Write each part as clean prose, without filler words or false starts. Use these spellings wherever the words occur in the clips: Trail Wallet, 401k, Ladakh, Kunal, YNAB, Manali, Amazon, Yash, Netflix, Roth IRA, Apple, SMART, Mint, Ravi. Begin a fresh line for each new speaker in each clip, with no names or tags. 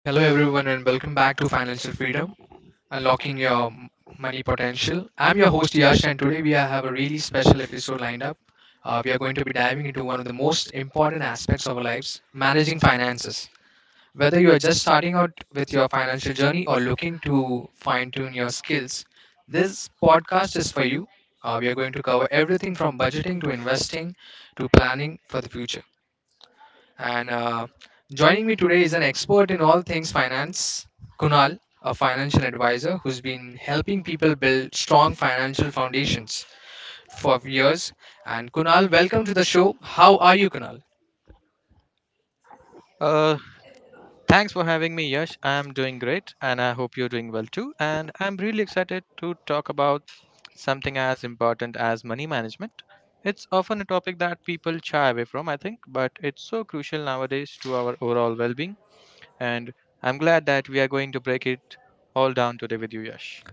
Hello, everyone, and welcome back to Financial Freedom Unlocking Your M- Money Potential. I'm your host, Yash, and today have a really special episode lined up. We are going to be diving into one of the most important aspects of our lives managing finances. Whether you are just starting out with your financial journey or looking to fine tune your skills, this podcast is for you. We are going to cover everything from budgeting to investing to planning for the future. And joining me today is an expert in all things finance, Kunal, a financial advisor who's been helping people build strong financial foundations for years. And Kunal, welcome to the show. How are you, Kunal?
Uh, Thanks for having me, Yash. I'm doing great, and I hope you're doing well too. And I'm really excited to talk about something as important as money management. It's often a topic that people shy away from, I think, but it's so crucial nowadays to our overall well being. And I'm glad that we are going to break it all down today with you, Yash.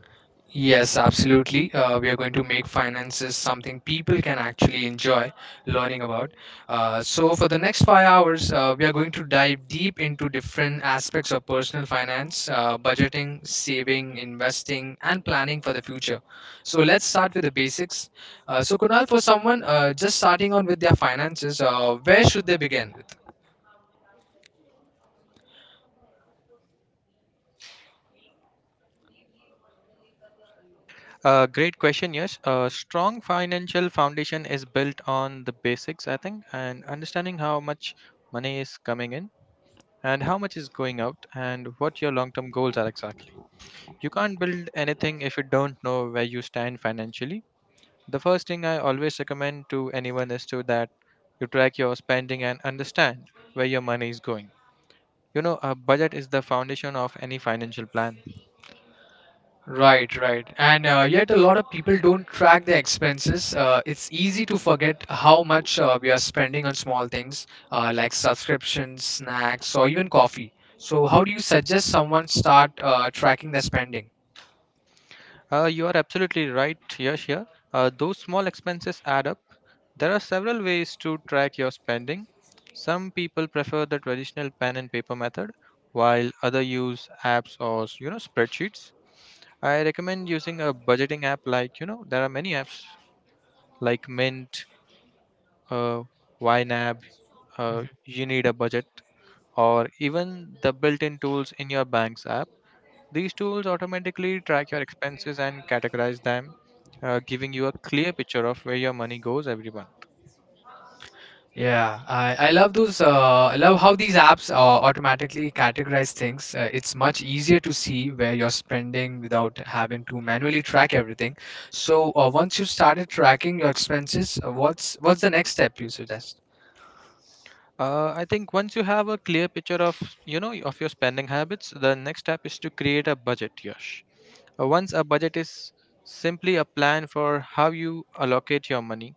Yes, absolutely. We are going to make finances something people can actually enjoy learning about. So, for the next 5 hours, we are going to dive deep into different aspects of personal finance, budgeting, saving, investing, and planning for the future. So, let's start with the basics. So, Kunal, for someone just starting on with their finances, where should they begin?
Great question. Yes, a strong financial foundation is built on the basics, I think, and understanding how much money is coming in and how much is going out and what your long term goals are exactly. You can't build anything if you don't know where you stand financially. The first thing I always recommend to anyone is to that you track your spending and understand where your money is going. You know, a budget is the foundation of any financial plan.
Right, right. And yet, a lot of people don't track their expenses. It's easy to forget how much we are spending on small things like subscriptions, snacks, or even coffee. So, how do you suggest someone start tracking their spending?
You are absolutely right, Yash, here. Those small expenses add up. There are several ways to track your spending. Some people prefer the traditional pen and paper method, while others use apps or, you know, spreadsheets. I recommend using a budgeting app like, you know, there are many apps like Mint, uh, YNAB,
Mhm.
You Need a Budget, or even the built-in tools in your bank's app. These tools automatically track your expenses and categorize them, giving you a clear picture of where your money goes every month.
Yeah, I love those. I love how these apps automatically categorize things. It's much easier to see where you're spending without having to manually track everything. So once you've started tracking your expenses, what's the next step you suggest?
I think once you have a clear picture of, you know, of your spending habits, the next step is to create a budget, Yash. Once a budget is simply a plan for how you allocate your money,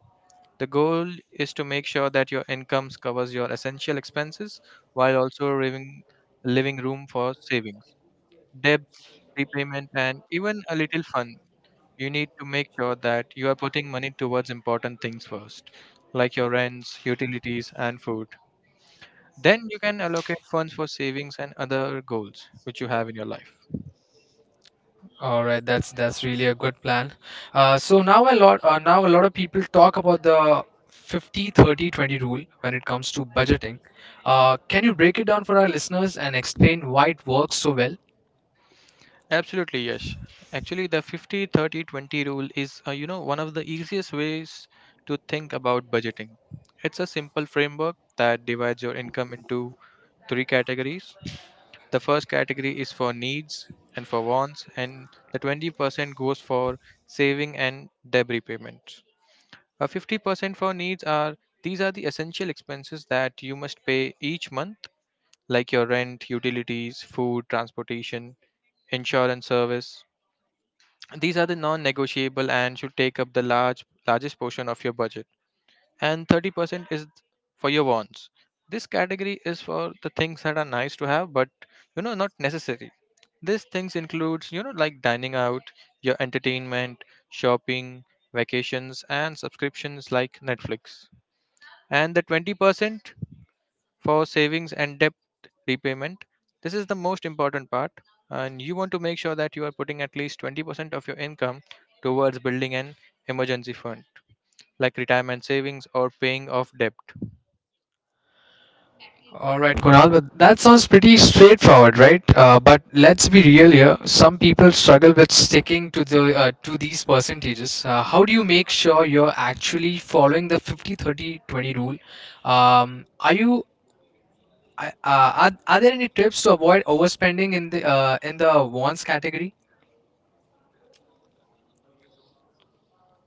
the goal is to make sure that your incomes covers your essential expenses while also leaving living room for savings, debt repayment, and even a little fun. You need to make sure that you are putting money towards important things first, like your rents, utilities, and food, then you can allocate funds for savings and other goals which you have in your life.
All right, that's really a good plan. So now a lot of people talk about the 50/30/20 rule when it comes to budgeting. Can you break it down for our listeners and explain why it works so well?
Absolutely, yes. Actually, the 50/30/20 rule is you know, one of the easiest ways to think about budgeting. It's a simple framework that divides your income into three categories. The first category is for needs, and for wants, and the 20% goes for saving and debt repayments. 50% for needs are these are the essential expenses that you must pay each month, like your rent, utilities, food, transportation, insurance service. These are the non-negotiable and should take up the largest portion of your budget. And 30% is for your wants. This category is for the things that are nice to have but, you know, not necessary. These things includes, you know, like dining out, your entertainment, shopping, vacations, and subscriptions like Netflix. And the 20% for savings and debt repayment. This is the most important part, and you want to make sure that you are putting at least 20% of your income towards building an emergency fund, like retirement savings or paying off debt.
All right, Kunal, but that sounds pretty straightforward, right? But let's be real here. Some people struggle with sticking to the to these percentages. How do you make sure you're actually following the 50/30/20 rule? Um, are you I- are there any tips to avoid overspending in the wants category?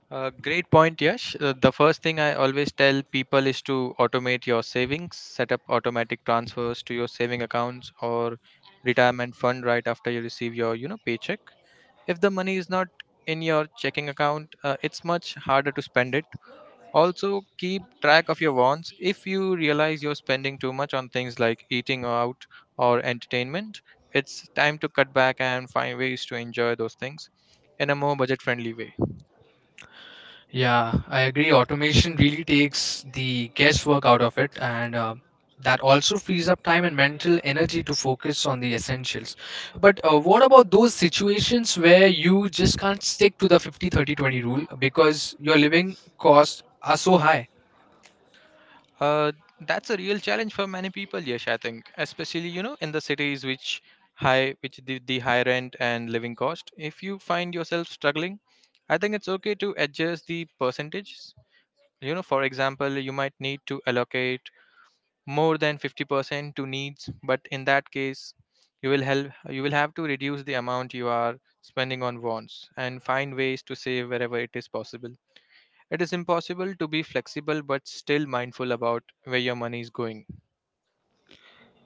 Great point, Yash. The first thing I always tell people is to automate your savings, set up automatic transfers to your saving accounts or retirement fund right after you receive your, you know, paycheck. If the money is not in your checking account, it's much harder to spend it. Also, keep track of your wants. If you realize you're spending too much on things like eating out or entertainment, it's time to cut back and find ways to enjoy those things in a more budget friendly way.
Yeah, I agree, automation really takes the guesswork out of it, and that also frees up time and mental energy to focus on the essentials. But what about those situations where you just can't stick to the 50/30/20 rule because your living costs are so high?
Uh, that's a real challenge for many people, Yash, I think, especially, you know, in the cities which high, which the high rent and living cost. If you find yourself struggling, I think it's okay to adjust the percentages. You know, for example, you might need to allocate more than 50% to needs, but in that case, you will help. You will have to reduce the amount you are spending on wants and find ways to save wherever it is possible. It is impossible to be flexible but still mindful about where your money is going.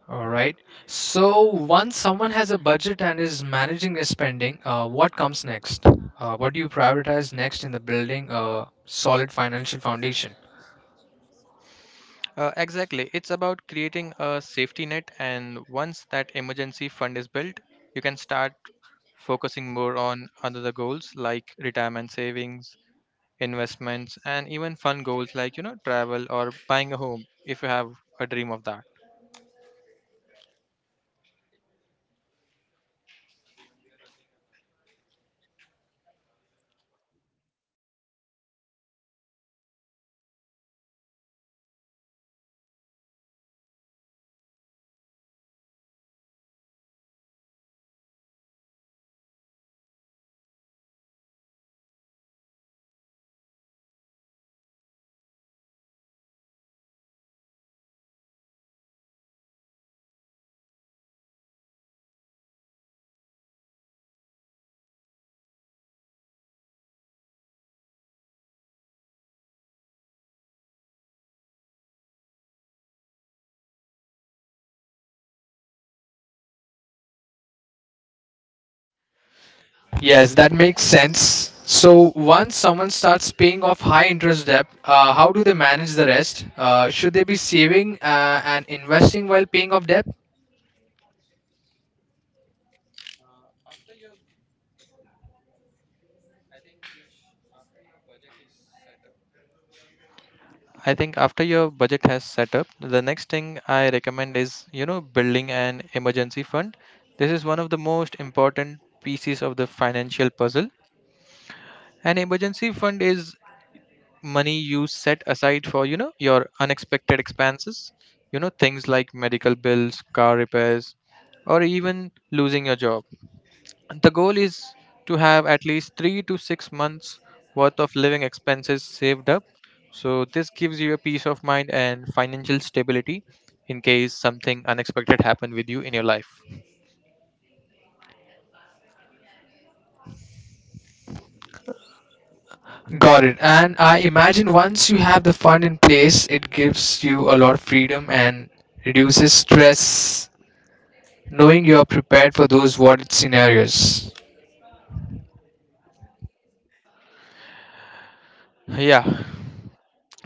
All right. So once someone has a budget and is managing their spending, what comes next? What do you prioritize next in the building a solid financial foundation?
Exactly. It's about creating a safety net, and once that emergency fund is built, you can start focusing more on other goals like retirement savings, investments, and even fun goals like, you know, travel or buying a home if you have a dream of that.
Yes, that makes sense. So once someone starts paying off high interest debt, how do they manage the rest? Should they be saving and investing while paying off debt?
I think after your budget has set up, the next thing I recommend is, you know, building an emergency fund. This is one of the most important pieces of the financial puzzle. An emergency fund is money you set aside for, you know, your unexpected expenses, you know, things like medical bills, car repairs, or even losing your job. The goal is to have at least 3 to 6 months worth of living expenses saved up. So, this gives you a peace of mind and financial stability in case something unexpected happened with you in your life.
Got it. And I imagine once you have the fund in place, it gives you a lot of freedom and reduces stress knowing you're prepared for those what if scenarios.
Yeah,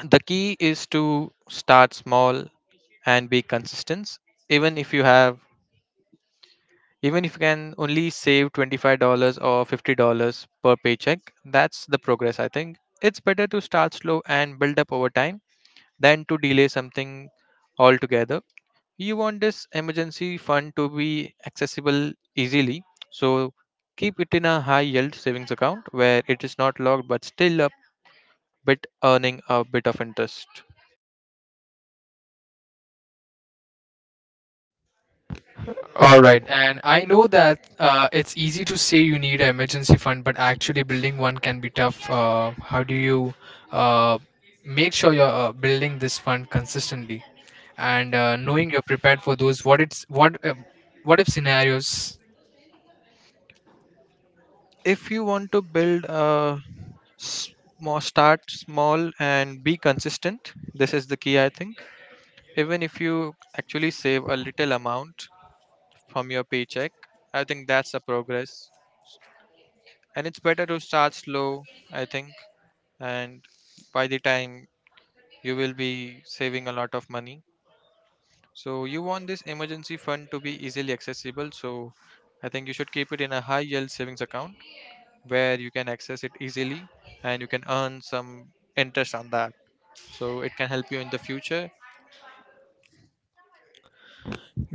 the key is to start small and be consistent. Even if you have, Even if you can only save $25 or $50 per paycheck, that's the progress, I think. It's better to start slow and build up over time than to delay something altogether. You want this emergency fund to be accessible easily, so keep it in a high yield savings account where it is not locked but still a bit earning a bit of interest.
All right, and I know that it's easy to say you need an emergency fund, but actually building one can be tough. Uh, how do you uh, make sure you're building this fund consistently, and knowing you're prepared for those what if scenarios?
If you want to build a small, start small and be consistent, this is the key, I think. Even if you actually save a little amount from your paycheck, I think that's a progress. And it's better to start slow, I think, and by the time you will be saving a lot of money, so you want this emergency fund to be easily accessible, so I think you should keep it in a high yield savings account where you can access it easily, and you can earn some interest on that, so it can help you in the future.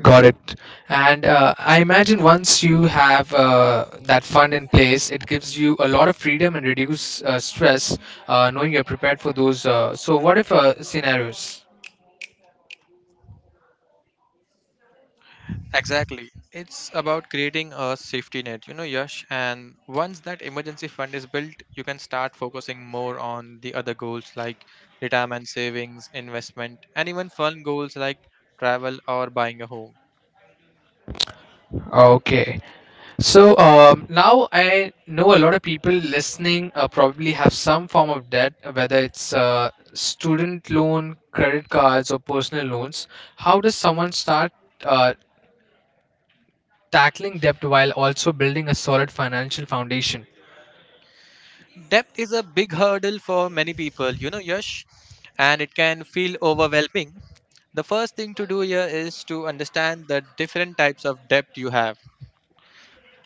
Got it. And I imagine once you have that fund in place, it gives you a lot of freedom and reduce stress, knowing you're prepared for those. So, what if scenarios?
Exactly. It's about creating a safety net, you know, Yash. And once that emergency fund is built, you can start focusing more on the other goals like retirement savings, investment, and even fun goals like travel or buying a home.
Okay. So now I know a lot of people listening probably have some form of debt, whether it's student loan, credit cards, or personal loans. How does someone start uh, tackling debt while also building a solid financial foundation?
Debt is a big hurdle for many people, you know, Yash, and it can feel overwhelming. The first thing to do here is to understand the different types of debt you have.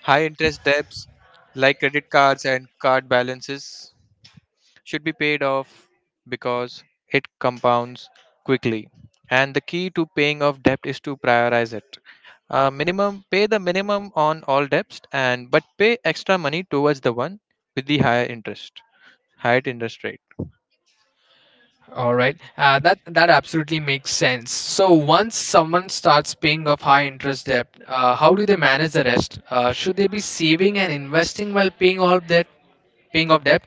High interest debts like credit cards and card balances should be paid off because it compounds quickly. And the key to paying off debt is to prioritize it. Minimum Pay the minimum on all debts and but pay extra money towards the one with the higher interest rate.
All right, that absolutely makes sense. So once someone starts paying off high interest debt, how do they manage the rest? Should they be saving and investing while paying off debt?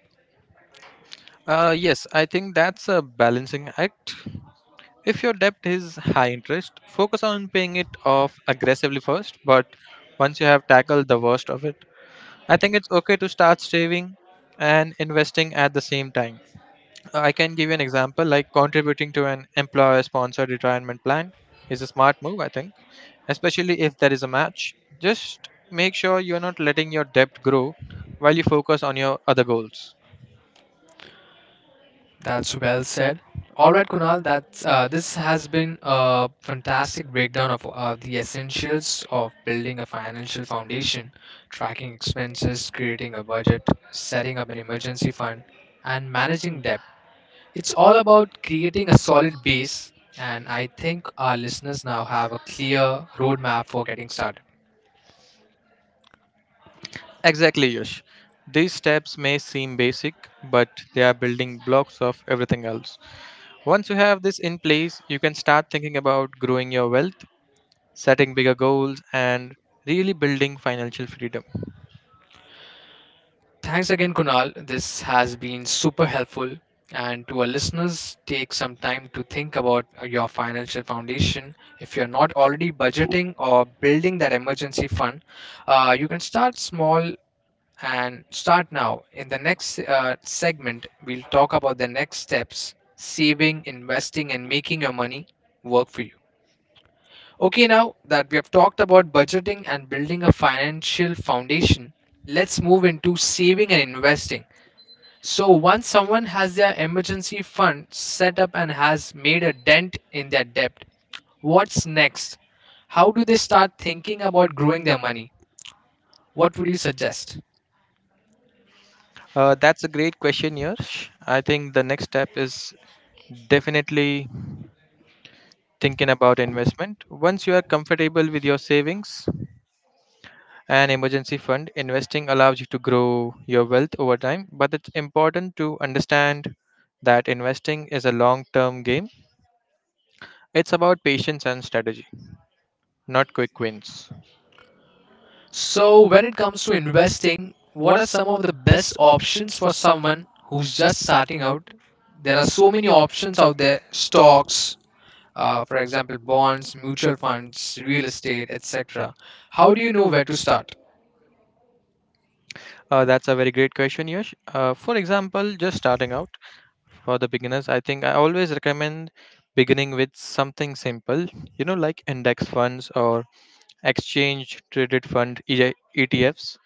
Yes, I think that's a balancing act. If your debt is high interest, focus on paying it off aggressively first, but once you have tackled the worst of it, I think it's okay to start saving and investing at the same time. I can give you an example like contributing to an employer sponsored retirement plan is a smart move, I think, especially if there is a match. Just make sure you're not letting your debt grow while you focus on your other goals.
That's well said. All right, Kunal, that's this has been a fantastic breakdown of the essentials of building a financial foundation, tracking expenses, creating a budget, setting up an emergency fund, and managing debt. It's all about creating a solid base, and I think our listeners now have a clear roadmap for getting started.
Exactly, Yash. These steps may seem basic, but they are building blocks of everything else. Once you have this in place, you can start thinking about growing your wealth, setting bigger goals, and really building financial freedom.
Thanks again, Kunal. This has been super helpful. And to our listeners, take some time to think about your financial foundation. If you're not already budgeting or building that emergency fund, you can start small and start now. In the next segment, we'll talk about the next steps saving, investing, and making your money work for you. Okay, now that we have talked about budgeting and building a financial foundation, let's move into saving and investing. So, once someone has their emergency fund set up and has made a dent in their debt, what's next? How do they start thinking about growing their money? What would you suggest?
That's a great question, Yash. I think the next step is definitely thinking about investment. Once you are comfortable with your savings, an emergency fund, investing allows you to grow your wealth over time, but it's important to understand that investing is a long term game. It's about patience and strategy, not quick wins.
So, when it comes to investing, what are some of the best options for someone who's just starting out? There are so many options out there stocks, for example, bonds, mutual funds, real estate, etc. How do you know where to start?
That's a very great question, Yash. For example, just starting out for the beginners, I think I always recommend beginning with something simple, you know, like index funds or exchange traded fund EJ ETFs.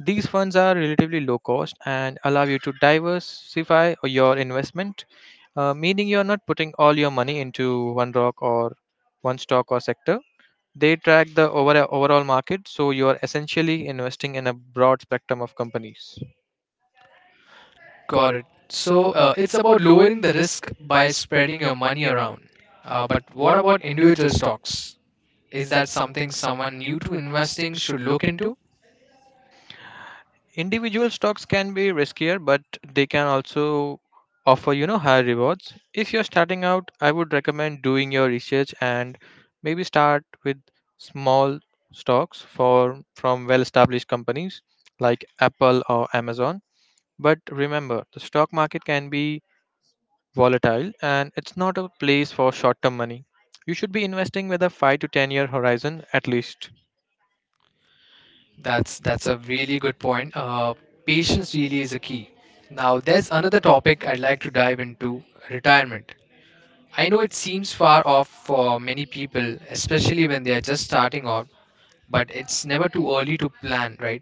These funds are relatively low cost and allow you to diversify your investment, meaning you're not putting all your money into one stock or sector. They track the overall market, so you're essentially investing in a broad spectrum of companies.
Got it. So it's about lowering the risk by spreading your money around. But what about individual stocks? Is that something someone new to investing should look into?
Individual stocks can be riskier, but they can also offer, you know, high rewards. If you're starting out, I would recommend doing your research and maybe start with small stocks for from well-established companies like Apple or Amazon. But remember, the stock market can be volatile, and it's not a place for short-term money. You should be investing with a 5 to 10 year horizon at least.
That's a really good point. Patience really is a key. Now there's another topic I'd like to dive into: retirement. I know it seems far off for many people, especially when they are just starting out, but it's never too early to plan, right?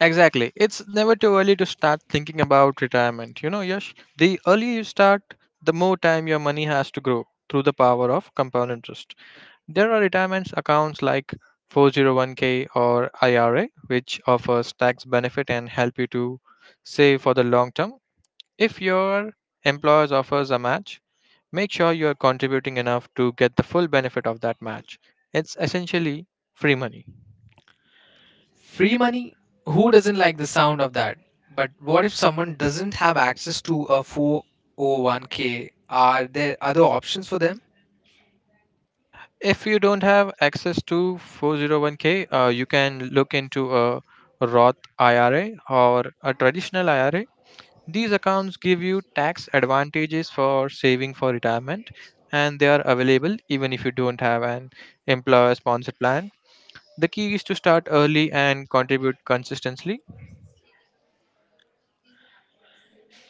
Exactly. It's never too early to start thinking about retirement. You know, Yash, the earlier you start, the more time your money has to grow through the power of compound interest. There are retirement accounts like 401k or IRA, which offers tax benefit and help you to save for the long term. If your employer offers a match, make sure you are contributing enough to get the full benefit of that match. It's essentially free money.
Free money, who doesn't like the sound of that? But what if someone doesn't have access to a 401k? Are there other options for them?
If you don't have access to 401k, you can look into a Roth IRA or a traditional IRA. These accounts give you tax advantages for saving for retirement, and they are available even if you don't have an employer sponsored plan. The key is to start early and contribute consistently.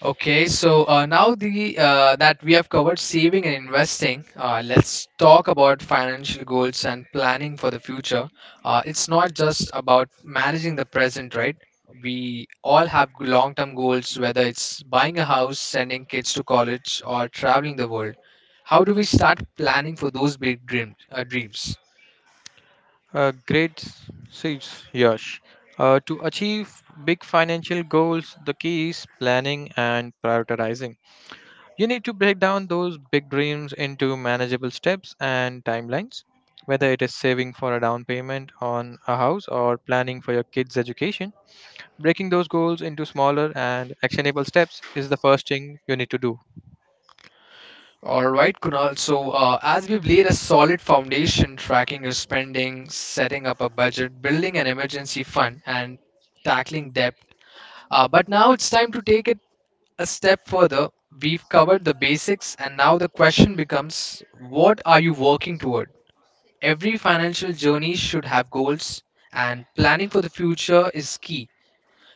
Okay, so now the that we have covered saving and investing, let's talk about financial goals and planning for the future. It's not just about managing the present, right? We all have long-term goals, whether it's buying a house, sending kids to college, or traveling the world. How do we start planning for those big dreams?
Great sales, Yash. To achieve big financial goals, the key is planning and prioritizing. You need to break down those big dreams into manageable steps and timelines, whether it is saving for a down payment on a house or planning for your kids' education. Breaking those goals into smaller and actionable steps is the first thing you need to do.
All right, Kunal. So, as we've laid a solid foundation, tracking your spending, setting up a budget, building an emergency fund, and tackling debt. But now it's time to take it a step further. We've covered the basics, and now the question becomes what are you working toward? Every financial journey should have goals, and planning for the future is key.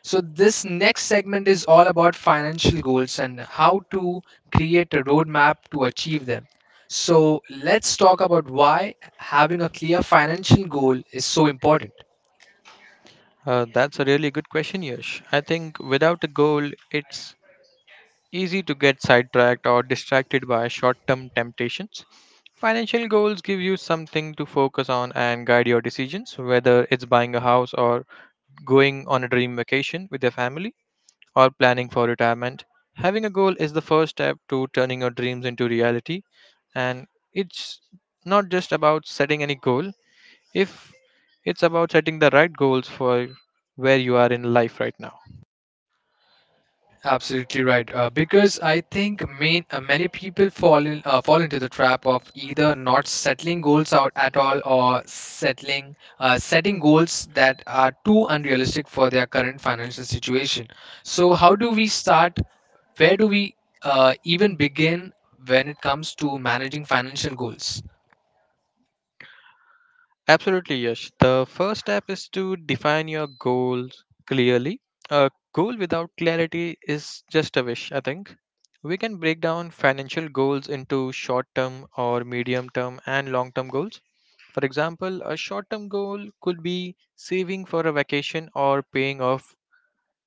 So, this next segment is all about financial goals and how to create a roadmap to achieve them. So, let's talk about why having a clear financial goal is so important.
That's a really good question, Yash. I think without a goal, it's easy to get sidetracked or distracted by short term temptations. Financial goals give you something to focus on and guide your decisions, whether it's buying a house or going on a dream vacation with their family, or planning for retirement. Having a goal is the first step to turning your dreams into reality, and it's not just about setting any goal, if it's about setting the right goals for where you are in life right now.
Absolutely right. Because I think many people fall into the trap of either not settling goals out at all, or settling setting goals that are too unrealistic for their current financial situation. So, how do we start where do we even begin when it comes to managing financial goals?
Absolutely, Yash. The first step is to define your goals clearly. A goal without clarity is just a wish, I think. We can break down financial goals into short term or medium term and long term goals. For example, a short term goal could be saving for a vacation or paying off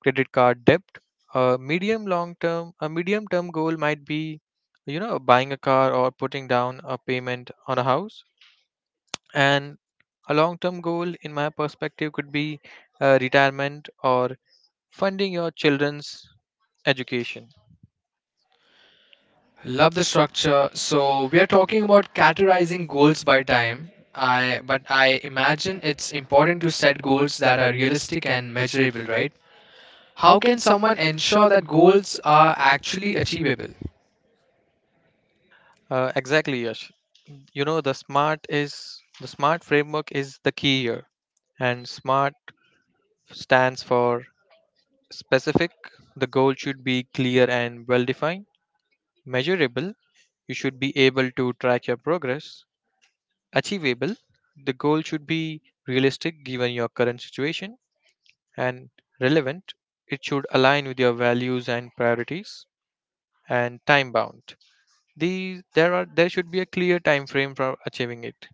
credit card debt. A medium long term a medium term goal might be, you know, buying a car or putting down a payment on a house, and a long term goal in my perspective could be retirement or funding your children's education.
Love the structure. So we are talking about categorizing goals by time. I but I imagine it's important to set goals that are realistic and measurable, right? How can someone ensure that goals are actually achievable?
Exactly, Yash. You know the smart is the smart framework is the key here, and smart stands for: specific, the goal should be clear and well defined. Measurable, you should be able to track your progress. Achievable, the goal should be realistic given your current situation. And relevant, it should align with your values and priorities. And time bound, these there are there should be a clear time frame for achieving it.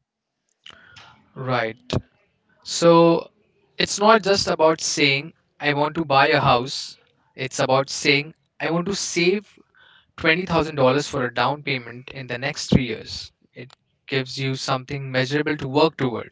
Right. So it's not just about saying I want to buy a house. It's about saying I want to save $20,000 for a down payment in the next 3 years. It gives you something measurable to work toward.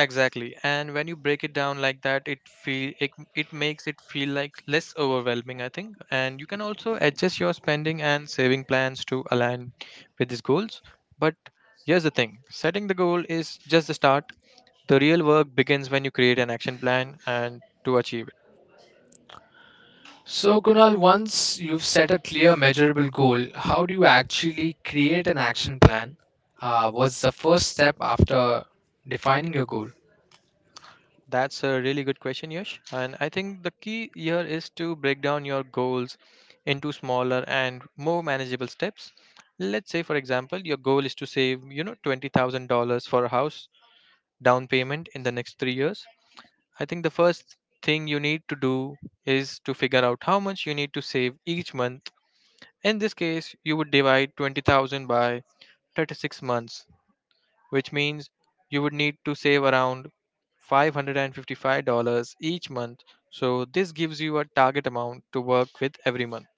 Exactly. And when you break it down like that, it feel it, it makes it feel like less overwhelming, I think. And you can also adjust your spending and saving plans to align with these goals. But here's the thing, setting the goal is just the start. The real work begins when you create an action plan and to achieve.
So, Kunal, once you've set a clear, measurable goal, how do you actually create an action plan? What's the first step after defining your goal?
That's a really good question, Yash. And I think the key here is to break down your goals into smaller and more manageable steps. Let's say, for example, your goal is to save, you know, $20,000 for a house down payment in the next 3 years. I think the first thing you need to do is to figure out how much you need to save each month. In this case, you would divide 20,000 by 36 months, which means you would need to save around $555 each month. So this gives you a target amount to work with every month.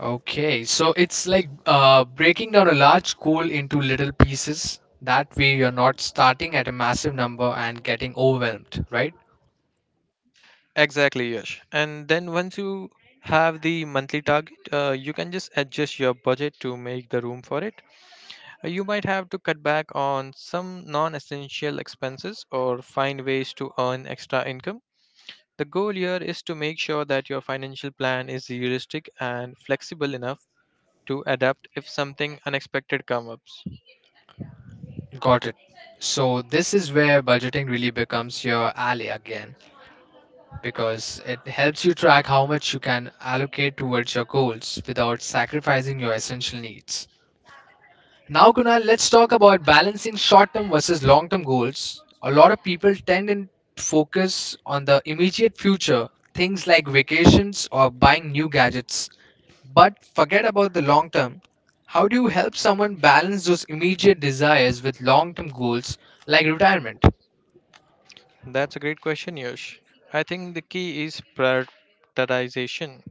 Okay, so it's like breaking down a large goal into little pieces. That way, you're not starting at a massive number and getting overwhelmed, right?
Exactly, Yash. And then once you have the monthly target, you can just adjust your budget to make the room for it. You might have to cut back on some non essential expenses or find ways to earn extra income. The goal here is to make sure that your financial plan is realistic and flexible enough to adapt if something unexpected comes up.
Got it. So, this is where budgeting really becomes your ally again because it helps you track how much you can allocate towards your goals without sacrificing your essential needs. Now, Kunal, let's talk about balancing short term versus long term goals. A lot of people tend to focus on the immediate future, things like vacations or buying new gadgets, but forget about the long term. How do you help someone balance those immediate desires with long term goals like retirement?
That's a great question, Yush. I think the key is prioritization.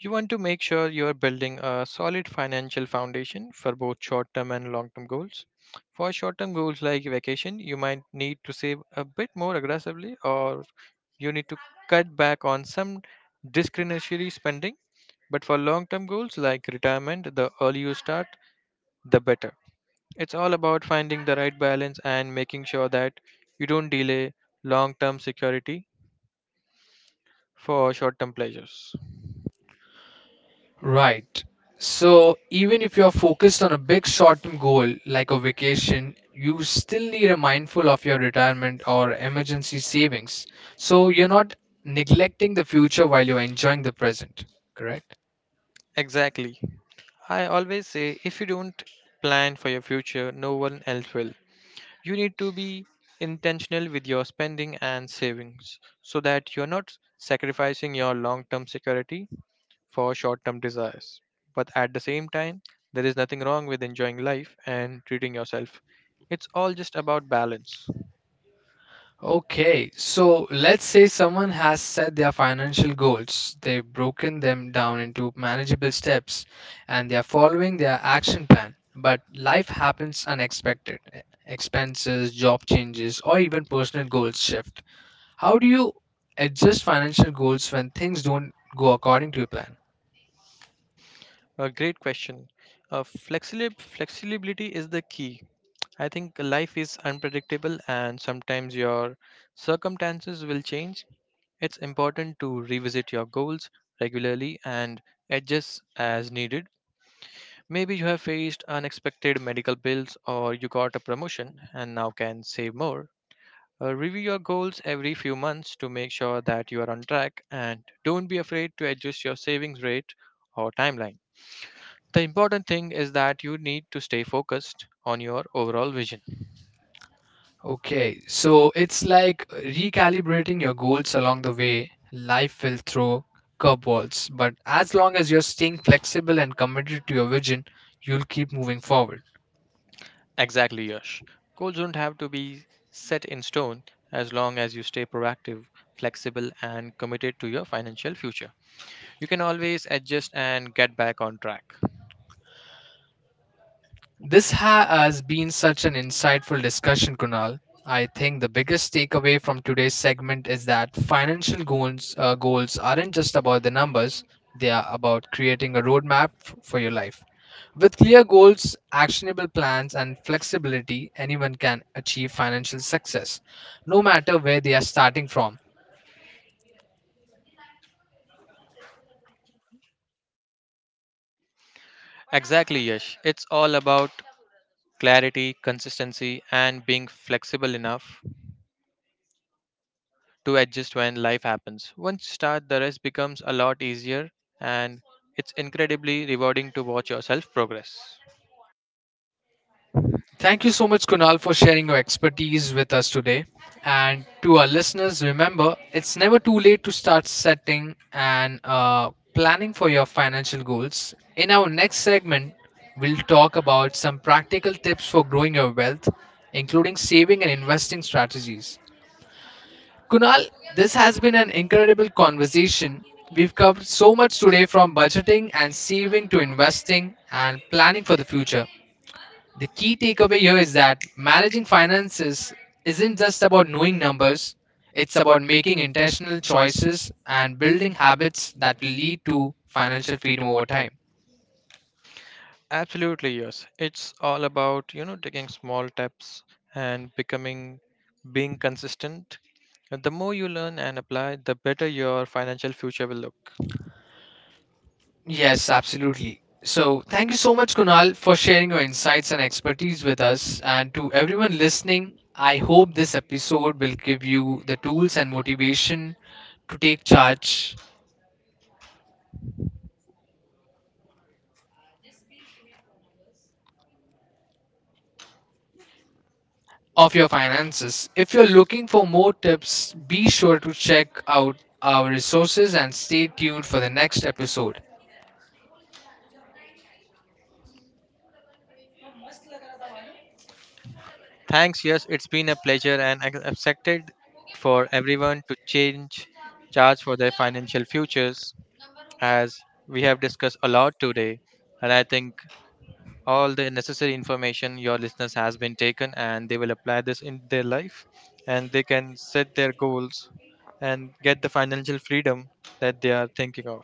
You want to make sure you are building a solid financial foundation for both short term and long term goals. For short term goals like vacation, you might need to save a bit more aggressively, or you need to cut back on some discretionary spending. But for long term goals like retirement, the earlier you start, the better. It's all about finding the right balance and making sure that you don't delay long term security for short term pleasures.
Right. So, even if you're focused on a big short term goal like a vacation, you still need a mindful of your retirement or emergency savings. So, you're not neglecting the future while you're enjoying the present, correct?
Exactly. I always say if you don't plan for your future, no one else will. You need to be intentional with your spending and savings so that you're not sacrificing your long term security for short term desires. But at the same time, there is nothing wrong with enjoying life and treating yourself. It's all just about balance.
Okay, so let's say someone has set their financial goals. They've broken them down into manageable steps and they're following their action plan. But life happens unexpected. Expenses, job changes, or even personal goals shift. How do you adjust financial goals when things don't go according to your plan?
A great question. Flexibility is the key. I think life is unpredictable and sometimes your circumstances will change. It's important to revisit your goals regularly and adjust as needed. Maybe you have faced unexpected medical bills or you got a promotion and now can save more. Review your goals every few months to make sure that you are on track, and don't be afraid to adjust your savings rate or timeline. The important thing is that you need to stay focused on your overall vision.
Okay, so it's like recalibrating your goals along the way. Life will throw curveballs, but as long as you're staying flexible and committed to your vision, you'll keep moving forward.
Exactly, Yash. Goals don't have to be set in stone as long as you stay proactive, flexible, and committed to your financial future. You can always adjust and get back on track.
This has been such an insightful discussion, Kunal. I think the biggest takeaway from today's segment is that financial goals aren't just about the numbers, they are about creating a roadmap for your life. With clear goals, actionable plans, and flexibility, anyone can achieve financial success, no matter where they are starting from.
Exactly, Yash. It's all about clarity, consistency, and being flexible enough to adjust when life happens. Once you start, the rest becomes a lot easier, and it's incredibly rewarding to watch yourself progress.
Thank you so much, Kunal, for sharing your expertise with us today. And to our listeners, remember it's never too late to start setting and planning for your financial goals. In our next segment, we'll talk about some practical tips for growing your wealth, including saving and investing strategies. Kunal, this has been an incredible conversation. We've covered so much today from budgeting and saving to investing and planning for the future. The key takeaway here is that managing finances isn't just about knowing numbers, it's about making intentional choices and building habits that will lead to financial freedom over time.
Absolutely, yes. It's all about, you know, taking small steps and becoming being consistent. And the more you learn and apply, the better your financial future will look.
Yes, absolutely. So, thank you so much, Kunal, for sharing your insights and expertise with us. And to everyone listening, I hope this episode will give you the tools and motivation to take charge of your finances. If you're looking for more tips, be sure to check out our resources and stay tuned for the next episode.
Thanks, yes, it's been a pleasure and accepted for everyone to change charge for their financial futures as we have discussed a lot today, and I think all the necessary information your listeners has been taken and they will apply this in their life, and they can set their goals and get the financial freedom that they are thinking of.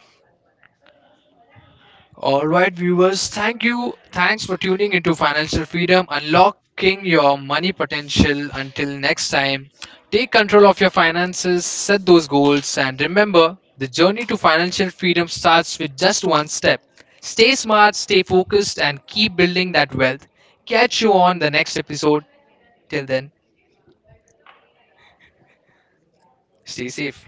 All right, viewers, thank you. Thanks for tuning into Financial Freedom, unlocking your money potential. Until next time, take control of your finances, set those goals, and remember the journey to financial freedom starts with just one step. Stay smart, stay focused, and keep building that wealth. Catch you on the next episode. Till then, stay safe.